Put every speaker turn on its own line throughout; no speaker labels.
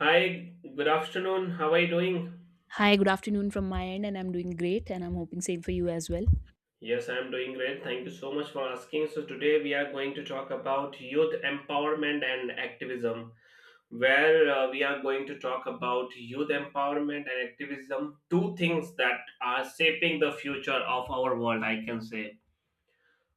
Hi, good afternoon. How are you doing?
Hi, good afternoon from my end, and I'm doing great, and I'm hoping same for you as well.
Yes, I am doing great. Thank you so much for asking. So, today we are going to talk about youth empowerment and activism, where we are going to talk about youth empowerment and activism, two things that are shaping the future of our world, I can say.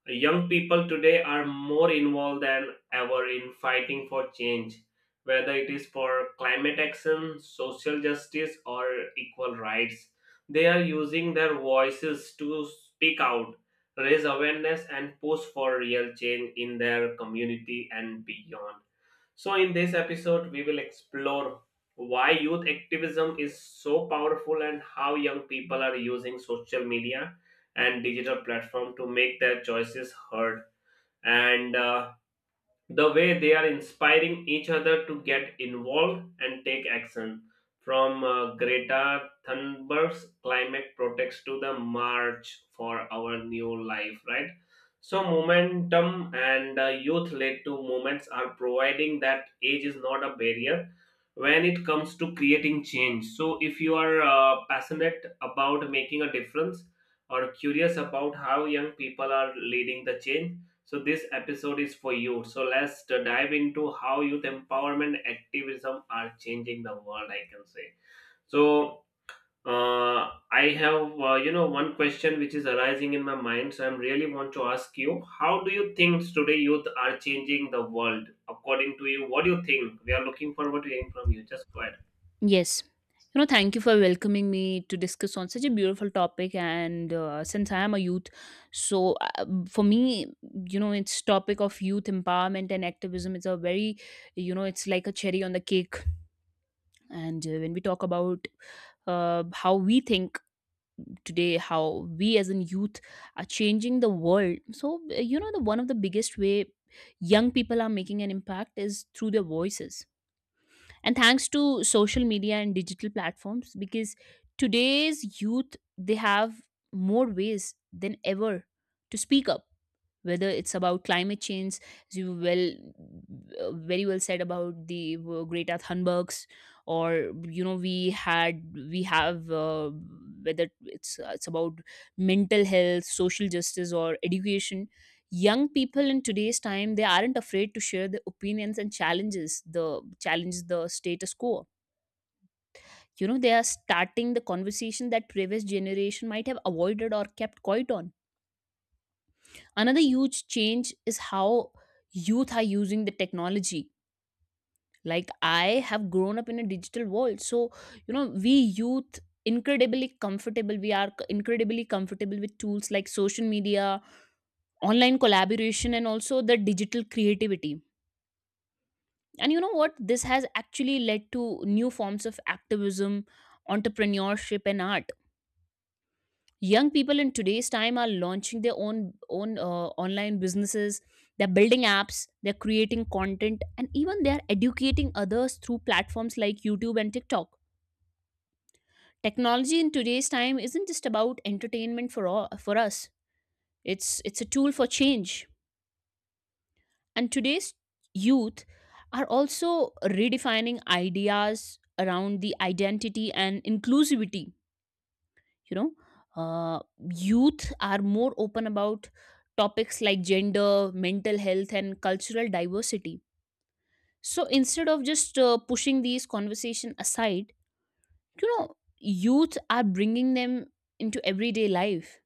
Young people today are more involved than ever in fighting for change, whether it is for climate action, social justice, or equal rights. They are using their voices to speak out, raise awareness, and push for real change in their community and beyond. So, in this episode, we will explore why youth activism is so powerful and how young people are using social media and digital platform to make their choices heard and the way they are inspiring each other to get involved and take action from Greta Thunberg's climate protest to the march for our new life, right? So momentum and youth led to movements are providing that age is not a barrier when it comes to creating change. So if you are passionate about making a difference or curious about how young people are leading the change, so this episode is for you. So let's dive into how youth empowerment activism are changing the world, I can say. So I have one question which is arising in my mind, so I'm really want to ask you, how do you think today youth are changing the world? According to you, what do you think? We are looking forward to hearing from you. Just go ahead.
Yes, you know, thank you for welcoming me to discuss on such a beautiful topic. And since I am a youth, so for me, you know, it's topic of youth empowerment and activism. It's a very, you know, it's like a cherry on the cake. And when we talk about how we think today, how we as in youth are changing the world. So you know, the one of the biggest way young people are making an impact is through their voices, and thanks to social media and digital platforms, because today's youth, they have more ways than ever to speak up, whether it's about climate change, as you well, very well said about the Greta Thunberg's, or you know, we have whether it's it's about mental health, social justice, or education. Young people in today's time, they aren't afraid to share their opinions and challenge the status quo. You know, they are starting the conversation that previous generation might have avoided or kept quiet on. Another huge change is how youth are using the technology. Like, I have grown up in a digital world, so you know, we youth incredibly comfortable. We are incredibly comfortable with tools like social media, online collaboration, and also the digital creativity. And you know what? This has actually led to new forms of activism, entrepreneurship, and art. Young people in today's time are launching their own online businesses. They're building apps, they're creating content, and even they're educating others through platforms like YouTube and TikTok. Technology in today's time isn't just about entertainment for all, for us, it's a tool for change. And today's youth are also redefining ideas around the identity and inclusivity. You know, uh, youth are more open about topics like gender, mental health, and cultural diversity. So instead of just pushing these conversation aside, you know, youth are bringing them into everyday life.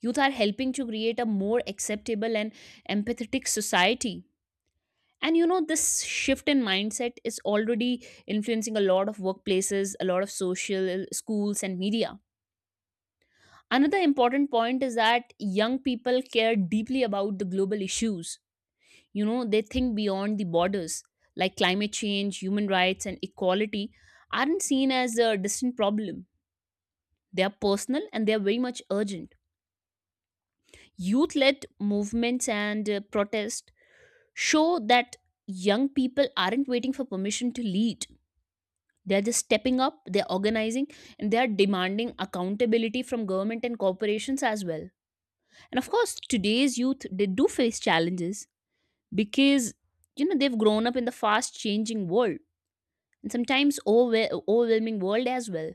Youth are helping to create a more acceptable and empathetic society. And you know, this shift in mindset is already influencing a lot of workplaces, a lot of social schools and media. Another important point is that young people care deeply about the global issues. You know, they think beyond the borders, like climate change, human rights, and equality aren't seen as a distant problem. They are personal and they are very much urgent. Youth led movements and protests show that young people aren't waiting for permission to lead. They're just stepping up, they're organizing, and they are demanding accountability from government and corporations as well. And of course, today's youth, they do face challenges, because you know, they've grown up in the fast changing world, and sometimes overwhelming world as well.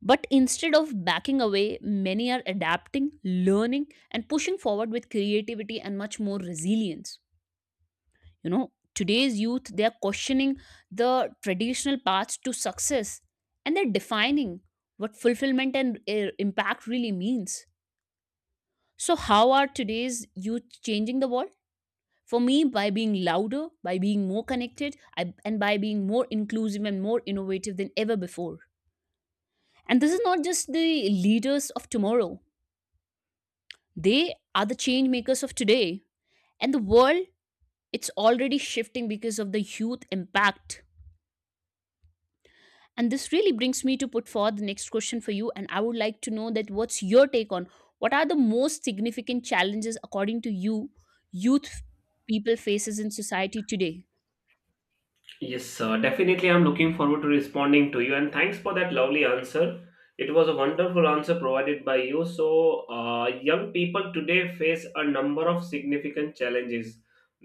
But instead of backing away, many are adapting, learning, and pushing forward with creativity and much more resilience. You know, today's youth, they are questioning the traditional paths to success, and they're defining what fulfillment and impact really means. So how are today's youth changing the world? For me, by being louder, by being more connected, and by being more inclusive and more innovative than ever before. And this is not just the leaders of tomorrow, they are the change makers of today. And the world, it's already shifting because of the youth impact. And this really brings me to put forward the next question for you. And I would like to know, that what's your take on what are the most significant challenges, according to you, youth people faces in society today?
Yes, sir. Definitely, I'm looking forward to responding to you. And thanks for that lovely answer. It was a wonderful answer provided by you. So, young people today face a number of significant challenges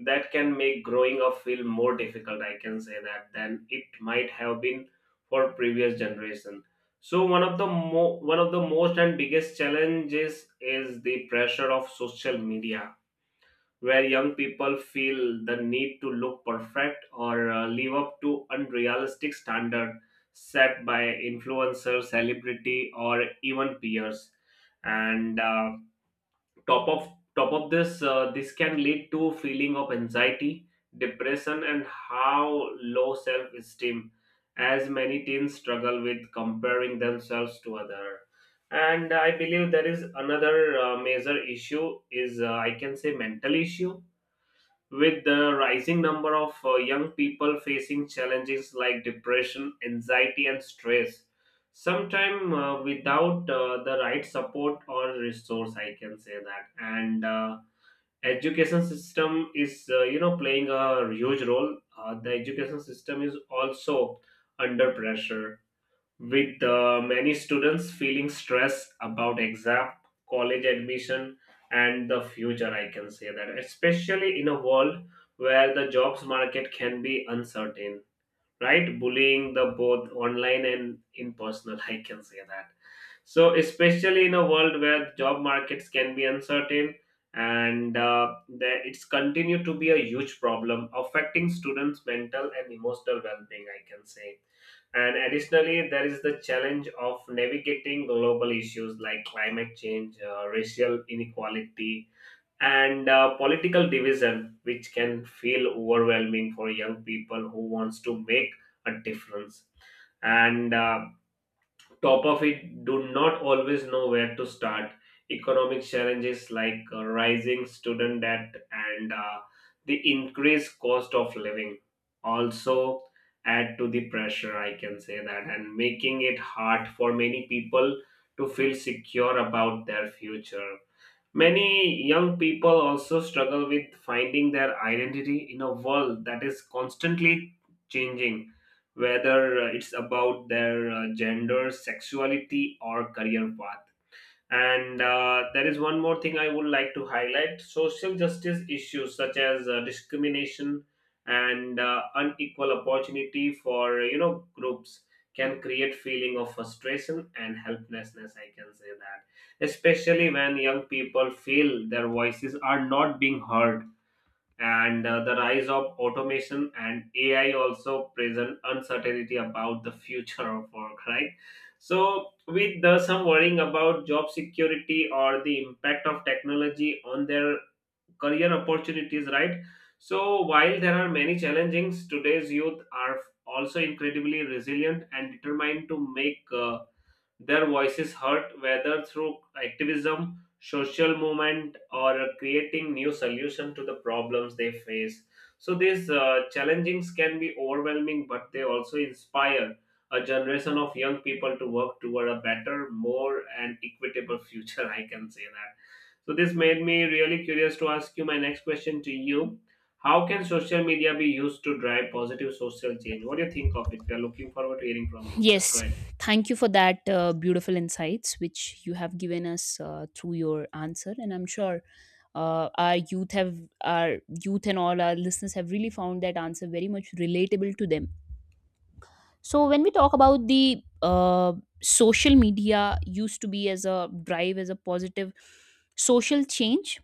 that can make growing up feel more difficult, I can say that, than it might have been for previous generation. So, one of the most and biggest challenges is the pressure of social media, where young people feel the need to look perfect or live up to unrealistic standard set by influencer celebrity or even peers, and top of top of this this can lead to feeling of anxiety, depression, and how low self esteem, as many teens struggle with comparing themselves to other. And I believe there is another major issue is, I can say, mental issue, with the rising number of young people facing challenges like depression, anxiety, and stress, sometimes without the right support or resource, I can say that. And education system is, playing a huge role. The education system is also under pressure, with many students feeling stress about exam, college admission, and the future. I can say that, especially in a world where the jobs market can be uncertain, right? Bullying the both online and in personal, I can say that. So, especially in a world where job markets can be uncertain, and that it's continued to be a huge problem affecting students' mental and emotional well-being, I can say. And additionally, there is the challenge of navigating global issues like climate change, racial inequality, and political division, which can feel overwhelming for young people who wants to make a difference and, top of it, do not always know where to start. Economic challenges like rising student debt and the increased cost of living also add to the pressure, I can say that, and making it hard for many people to feel secure about their future. Many young people also struggle with finding their identity in a world that is constantly changing, whether it's about their gender, sexuality, or career path. And There is one more thing I would like to highlight: social justice issues such as discrimination and unequal opportunity for groups can create feeling of frustration and helplessness, I can say that, especially when young people feel their voices are not being heard. And The rise of automation and AI also present uncertainty about the future of work, right? So, with the, some worrying about job security or the impact of technology on their career opportunities, right? So, while there are many challenges, today's youth are also incredibly resilient and determined to make their voices heard, whether through activism, social movement, or creating new solution to the problems they face. So these challengings can be overwhelming, but they also inspire a generation of young people to work toward a better, more, and equitable future. I can say that. So this made me really curious to ask you my next question to you. How can social media be used to drive positive social change? What do you think of it? We are looking forward to hearing from you. Just go
Yes,
ahead.
thank you for that beautiful insights which you have given us through your answer, and I'm sure our youth and all our listeners have really found that answer very much relatable to them. So when we talk about the social media used to be as a drive as a positive social change,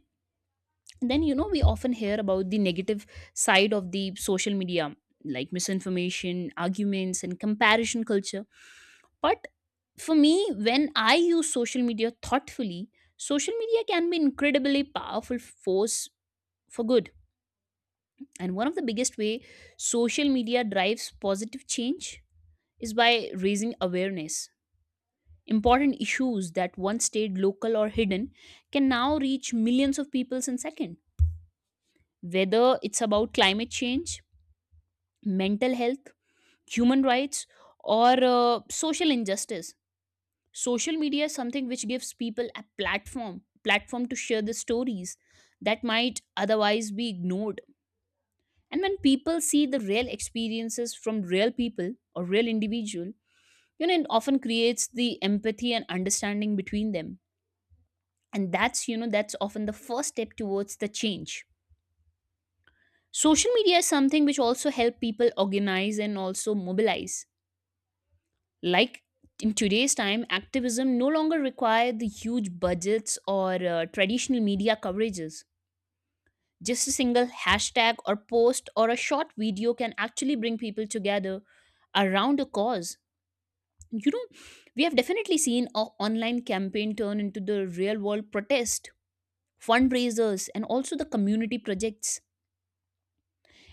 then you know, we often hear about the negative side of the social media, like misinformation, arguments, and comparison culture. But for me, when I use social media thoughtfully, social media can be incredibly powerful force for good. And one of the biggest way social media drives positive change is by raising awareness important issues that once stayed local or hidden can now reach millions of people in second, whether it's about climate change, mental health, human rights, or social injustice. Social media is something which gives people a platform to share the stories that might otherwise be ignored. And when people see the real experiences from real people or real individual, you know, it often creates the empathy and understanding between them. And that's, you know, that's often the first step towards the change. Social media is something which also help people organize and also mobilize. Like, in today's time, activism no longer require the huge budgets or traditional media coverages. Just a single hashtag or post or a short video can actually bring people together around a cause. You know, we have definitely seen an online campaign turn into the real world protest, fundraisers, and also the community projects.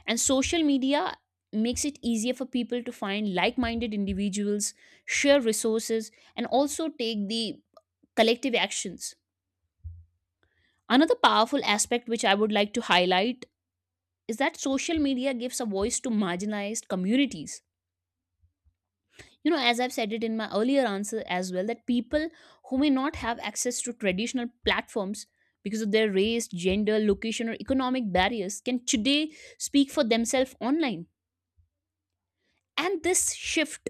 And social media makes it easier for people to find like minded individuals, share resources, and also take the collective actions. Another powerful aspect which I would like to highlight is that social media gives a voice to marginalized communities. You know, as I've said it in my earlier answer as well, that people who may not have access to traditional platforms because of their race, gender, location, or economic barriers, can today speak for themselves online. And this shift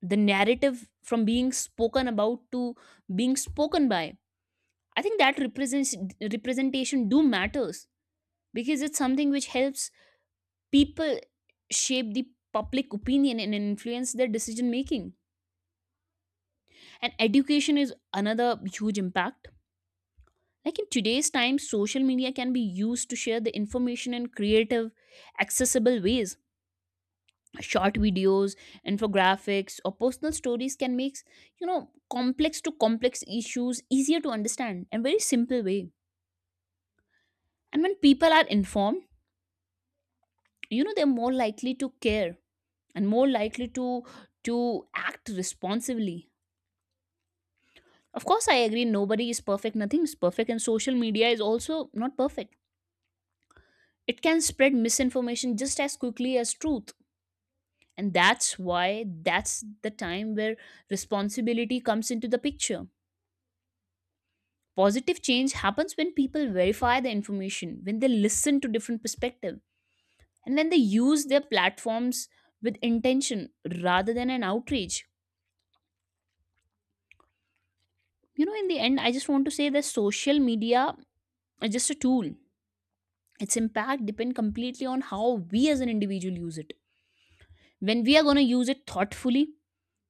the narrative from being spoken about to being spoken by. I think that represents representation do matters, because it's something which helps people shape the public opinion and influence their decision making. And education is another huge impact. Like, in today's time, social media can be used to share the information in creative, accessible ways. Short videos, infographics, or personal stories can make, you know, complex to complex issues easier to understand and very simple way. And when people are informed, you know, they're more likely to care, and more likely to act responsibly. Of course, I agree, nobody is perfect, nothing is perfect, and social media is also not perfect. It can spread misinformation just as quickly as truth. And that's why, that's the time where responsibility comes into the picture. Positive change happens when people verify the information, when they listen to different perspectives, and when they use their platforms with intention rather than an outrage. You know, in the end, I just want to say that social media is just a tool. Its impact depend completely on how we as an individual use it. When we are going to use it thoughtfully,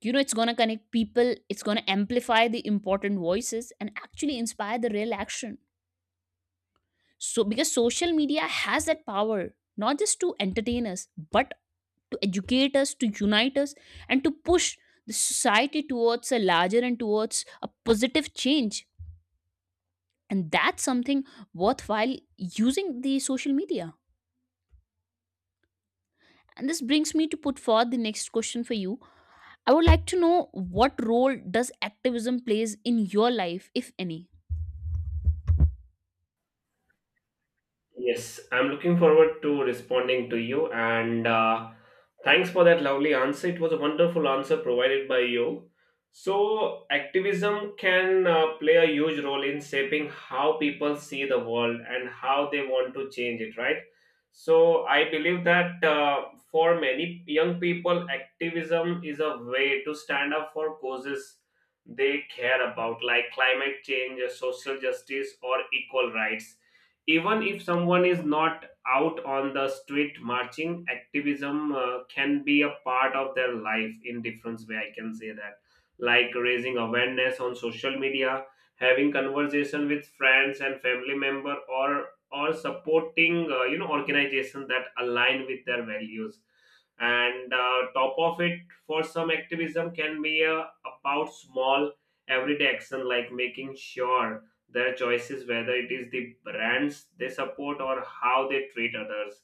you know, it's going to connect people, it's going to amplify the important voices, and actually inspire the real action. So because social media has that power, not just to entertain us, but to educate us, to unite us, and to push the society towards a larger and towards a positive change. And that's something worthwhile using the social media. And this brings me to put forth the next question for you. I would like to know, what role does activism plays in your life, if any?
Yes, I'm looking forward to responding to you, and thanks for that lovely answer. It was a wonderful answer provided by you. So, activism can play a huge role in shaping how people see the world and how they want to change it, right? So, I believe that, for many young people, activism is a way to stand up for causes they care about, like climate change, social justice, or equal rights. Even if someone is not out on the street marching, activism can be a part of their life in different way, I can say that, like raising awareness on social media, having conversation with friends and family member, or supporting organization that align with their values. And Top of it, for some, activism can be about small everyday action, like making sure their choices, whether it is the brands they support or how they treat others,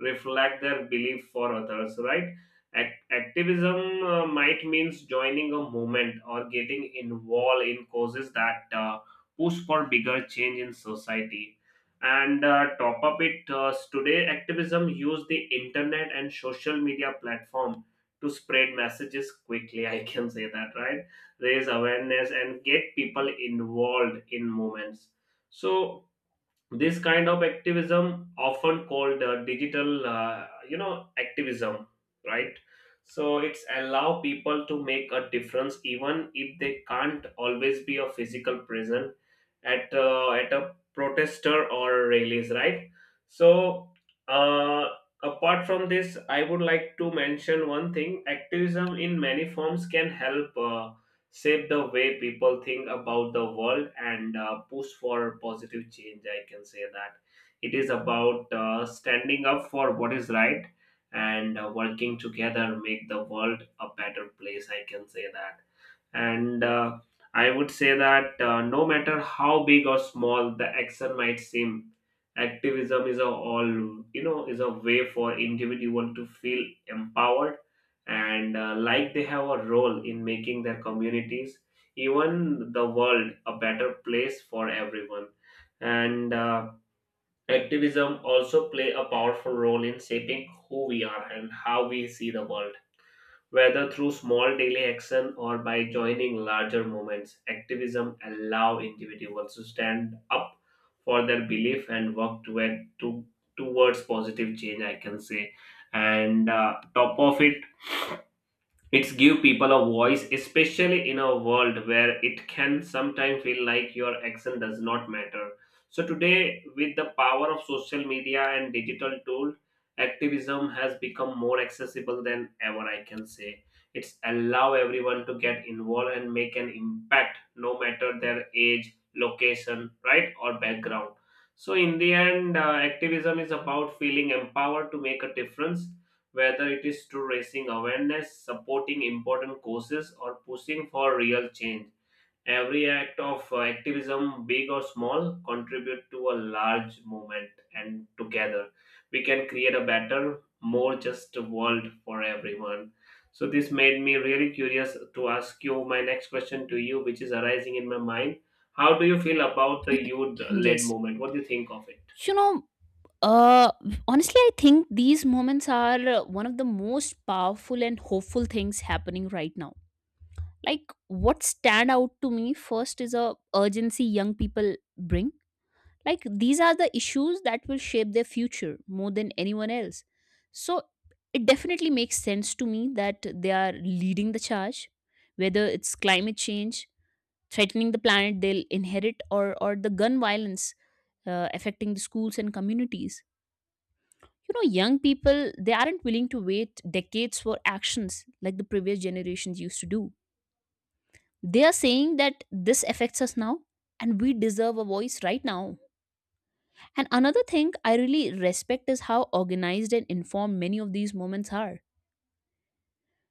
reflect their belief for others, right? Activism might means joining a movement or getting involved in causes that push for bigger change in society. And Top up it, today, activism use the internet and social media platform to spread messages quickly. I can say that, right? Raise awareness and get people involved in movements. So this kind of activism often called digital, activism, right? So it's allow people to make a difference even if they can't always be a physical present at a protester or rallies, right? So, uh, apart from this, I would like to mention one thing. Activism in many forms can help shape the way people think about the world and push for positive change. I can say that it is about standing up for what is right and working together make the world a better place. I can say that. And I would say that, no matter how big or small the action might seem, activism is a all you know is a way for individual to feel empowered and like they have a role in making their communities, even the world, a better place for everyone. And Activism also play a powerful role in shaping who we are and how we see the world. Whether through small daily action or by joining larger movements, activism allow individuals to stand up for their belief and work toward, to, towards positive change, I can say. And Top of it, it's give people a voice, especially in a world where it can sometimes feel like your action does not matter. So today, with the power of social media and digital tool, activism has become more accessible than ever. I can say it's allow everyone to get involved and make an impact, no matter their age, location, right, or background. So in the end, activism is about feeling empowered to make a difference, whether it is through raising awareness, supporting important causes, or pushing for real change. Every act of activism, big or small, contribute to a large movement, and together we can create a better, more just world for everyone. So this made me really curious to ask you my next question to you, which is arising in my mind. How do you feel about the youth-led
Yes.
movement? What do you think of it?
You know, uh, honestly, I think these moments are one of the most powerful and hopeful things happening right now. Like, what stand out to me first is a urgency young people bring. Like, these are the issues that will shape their future more than anyone else. So, it definitely makes sense to me that they are leading the charge, whether it's climate change threatening the planet they'll inherit, or the gun violence affecting the schools and communities. You know, young people, they aren't willing to wait decades for actions like the previous generations used to do. They are saying that this affects us now, and we deserve a voice right now. And another thing I really respect is how organized and informed many of these moments are,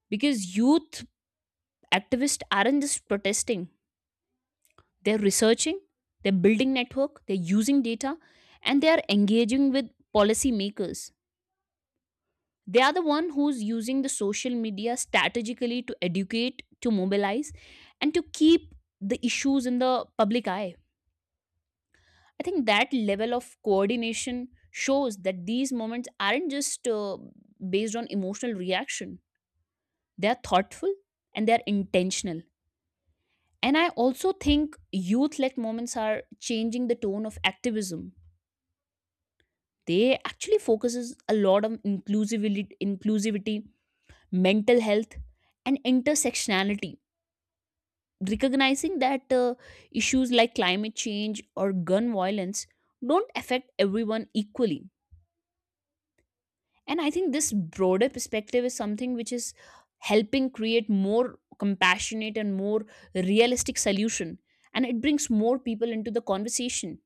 because youth activists aren't just protesting. They're researching, they're building network, they're using data, and they are engaging with policymakers. They are the one who's using the social media strategically to educate, to mobilize, and to keep the issues in the public eye. I think that level of coordination shows that these moments aren't just based on emotional reaction. They are thoughtful and they are intentional. And I also think youth led moments are changing the tone of activism. They actually focuses a lot on inclusivity mental health and intersectionality, recognizing that issues like climate change or gun violence don't affect everyone equally. And I think this broader perspective is something which is helping create more compassionate and more realistic solution, and it brings more people into the conversation.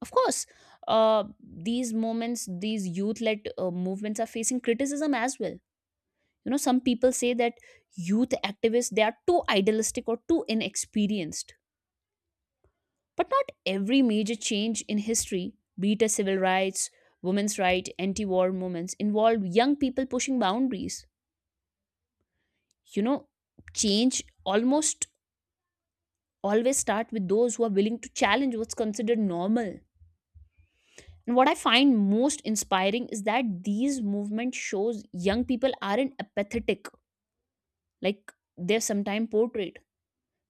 Of course, uh, these moments, these youth led movements are facing criticism as well. You know, some people say that youth activists they are too idealistic or too inexperienced, but not every major change in history, be it a civil rights, women's right, anti-war movements, involve young people pushing boundaries. You know, change almost always start with those who are willing to challenge what's considered normal. And what I find most inspiring is that these movements shows young people aren't apathetic like they're sometimes portrayed.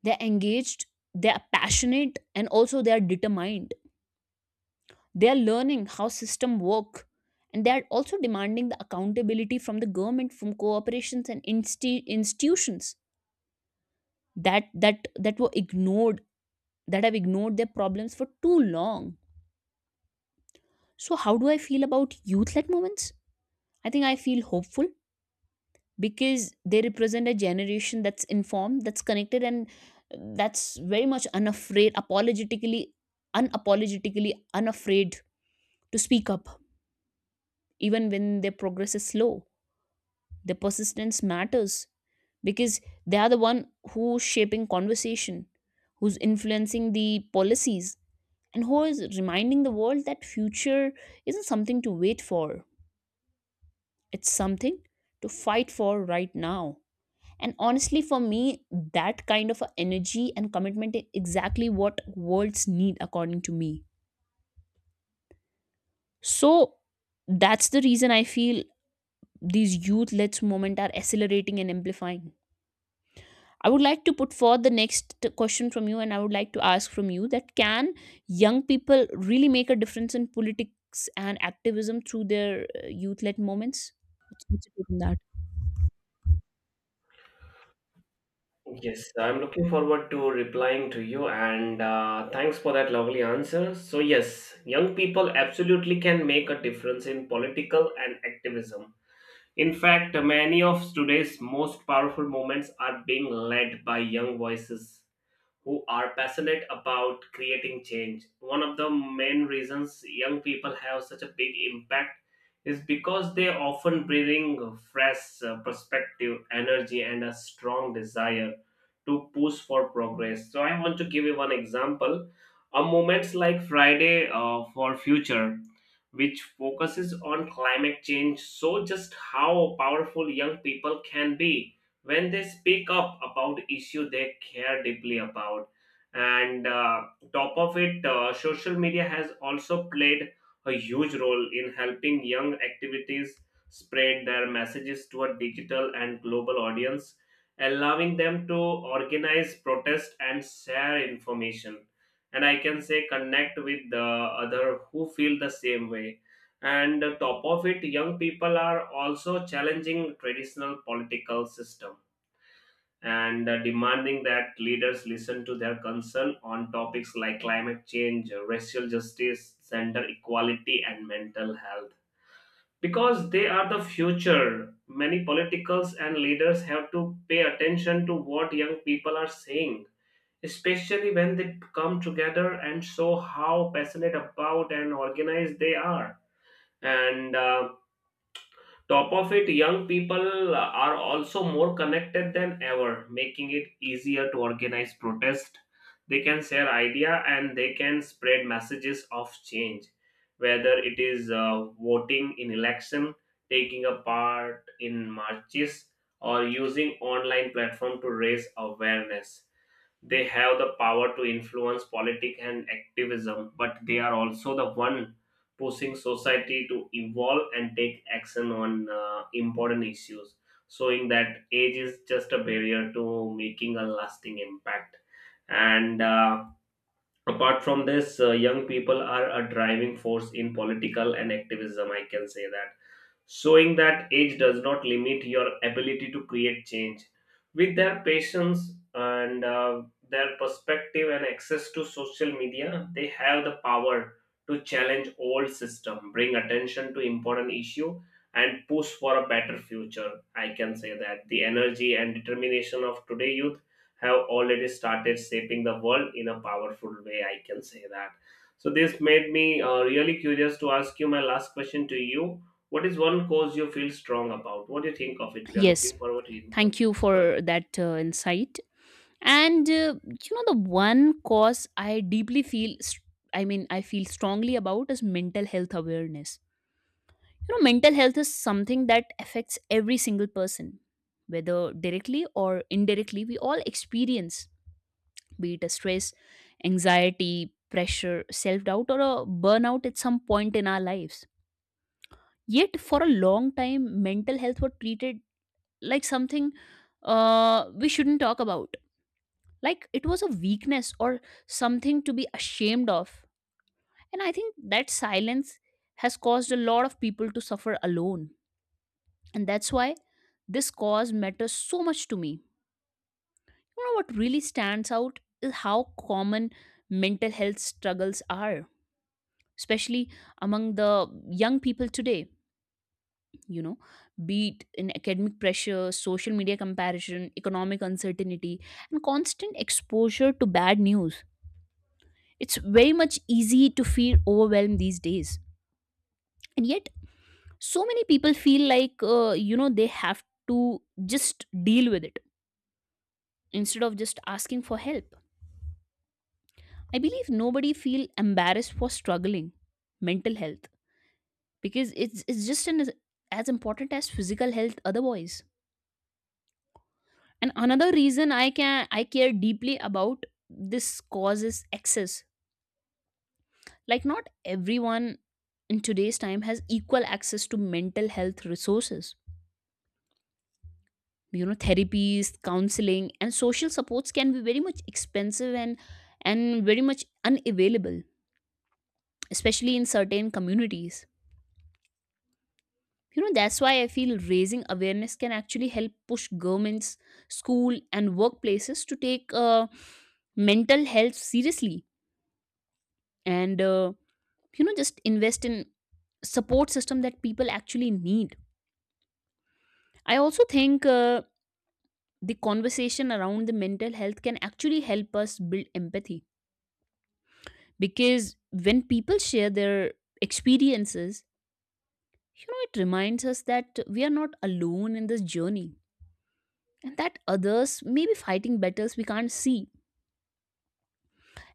They're engaged, they're passionate, and also they're determined. They're learning how system work, and they're also demanding the accountability from the government, from corporations and institutions that were ignored, that have ignored their problems for too long. So how do I feel about youth led movements? I think I feel hopeful, because they represent a generation that's informed, that's connected, and that's very much unafraid apologetically unapologetically unafraid to speak up, even when their progress is slow. Their persistence matters because they are the one who's shaping conversation, who's influencing the policies, and who is reminding the world that future isn't something to wait for. It's something to fight for right now. And honestly, for me, that kind of a energy and commitment is exactly what worlds need, according to me. So that's the reason I feel these youth led movement are accelerating and amplifying. I would like to put forth the next question from you, and I would like to ask from you that can young people really make a difference in politics and activism through their youth led movements? What's your take on that?
Yes, I'm looking forward to replying to you, and thanks for that lovely answer. So, yes, young people absolutely can make a difference in political and activism. In fact, many of today's most powerful movements are being led by young voices who are passionate about creating change. One of the main reasons young people have such a big impact is because they often bring fresh perspective, energy, and a strong desire to push for progress. So, I want to give you one example. A moments like Friday for Future, which focuses on climate change, so just how powerful young people can be when they speak up about issue they care deeply about. And Top of it, social media has also played a huge role in helping young activities spread their messages to a digital and global audience, allowing them to organize protest and share information and, I can say, connect with the other who feel the same way. And Top of it, young people are also challenging traditional political system and demanding that leaders listen to their concern on topics like climate change, racial justice, gender equality, and mental health. Because they are the future, many politicals and leaders have to pay attention to what young people are saying, especially when they come together and show how passionate about and organized they are. And Top of it, young people are also more connected than ever, making it easier to organize protest. They can share idea and they can spread messages of change, whether it is voting in election, taking a part in marches, or using online platform to raise awareness. They have the power to influence politics and activism, but they are also the one pushing society to evolve and take action on important issues, showing that age is just a barrier to making a lasting impact. And Apart from this, young people are a driving force in political and activism, I can say that, showing that age does not limit your ability to create change. With their patience and their perspective and access to social media, they have the power to challenge old system, bring attention to important issue, and push for a better future. I can say that the energy and determination of today youth have already started shaping the world in a powerful way. I can say that. So this made me really curious to ask you my last question to you. What is one cause you feel strong about? What do you think of it? We are
Yes,
looking forward to hearing from
thank
you.
you
Just go ahead.
for that insight. And you know, the one cause I deeply feel, I mean, I feel strongly about is mental health awareness. You know, mental health is something that affects every single person, whether directly or indirectly. We all experience, be it a stress, anxiety, pressure, self doubt, or a burnout at some point in our lives. Yet, for a long time, mental health was treated like something we shouldn't talk about, like it was a weakness or something to be ashamed of. And I think that silence has caused a lot of people to suffer alone. And that's why this cause matters so much to me. You know what really stands out is how common mental health struggles are, especially among the young people today. You know, be it in academic pressure, social media comparison, economic uncertainty, and constant exposure to bad news. It's very much easy to feel overwhelmed these days. And yet, so many people feel like, you know, they have to just deal with it instead of just asking for help. I believe nobody feel embarrassed for struggling mental health, because it's just an, as important as physical health otherwise. And another reason I care deeply about this cause is access. Like not everyone in today's time has equal access to mental health resources. You know, therapies, counseling, and social supports can be very much expensive and very much unavailable, especially in certain communities. You know, that's why I feel raising awareness can actually help push governments, school, and workplaces to take mental health seriously, and, you know, just invest in support system that people actually need. I also think the conversation around the mental health can actually help us build empathy, because when people share their experiences, you know, it reminds us that we are not alone in this journey and that others may be fighting battles we can't see.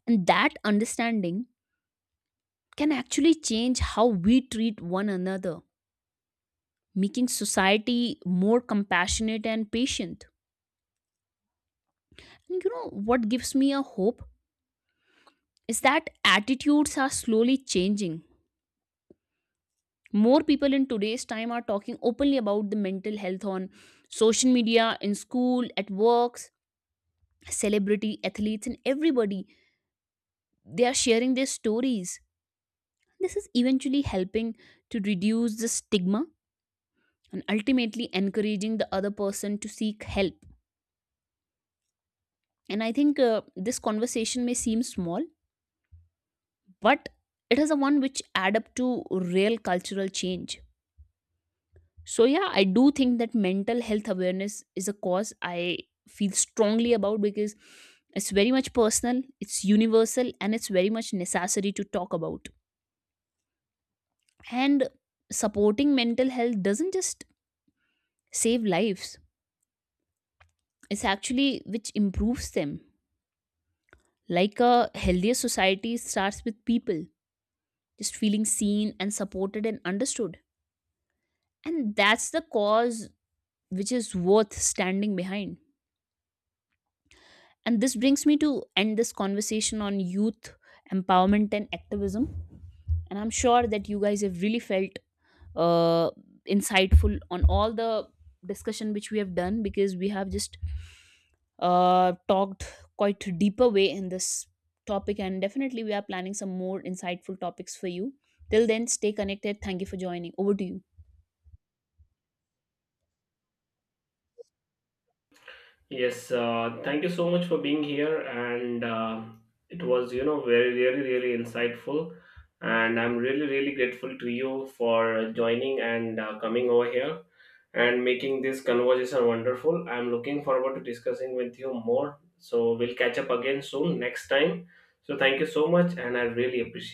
And that understanding can actually change how we treat one another, making society more compassionate and patient. And you know what gives me a hope is that attitudes are slowly changing. More people in today's time are talking openly about the mental health on social media, in school, at works, celebrity, athletes, and everybody. They are sharing their stories. This is eventually helping to reduce the stigma and ultimately encouraging the other person to seek help. And I think this conversation may seem small, but it is a one which add up to real cultural change. So yeah, I do think that mental health awareness is a cause I feel strongly about, because it's very much personal, it's universal, and it's very much necessary to talk about. And supporting mental health doesn't just save lives, it's actually which improves them. Like a healthier society starts with people just feeling seen and supported and understood. And that's the cause which is worth standing behind. And this brings me to end this conversation on youth empowerment and activism. And I'm sure that you guys have really felt uh, insightful on all the discussion which we have done, because we have just talked quite deeper way in this topic, and definitely we are planning some more insightful topics for you. Till then, stay connected. Thank you for joining. Over to you.
Yes, thank you so much for being here, and it was really, really insightful. And I'm really, really grateful to you for joining and coming over here and making this conversation wonderful. I'm looking forward to discussing with you more. So we'll catch up again soon next time. So thank you so much, and I really appreciate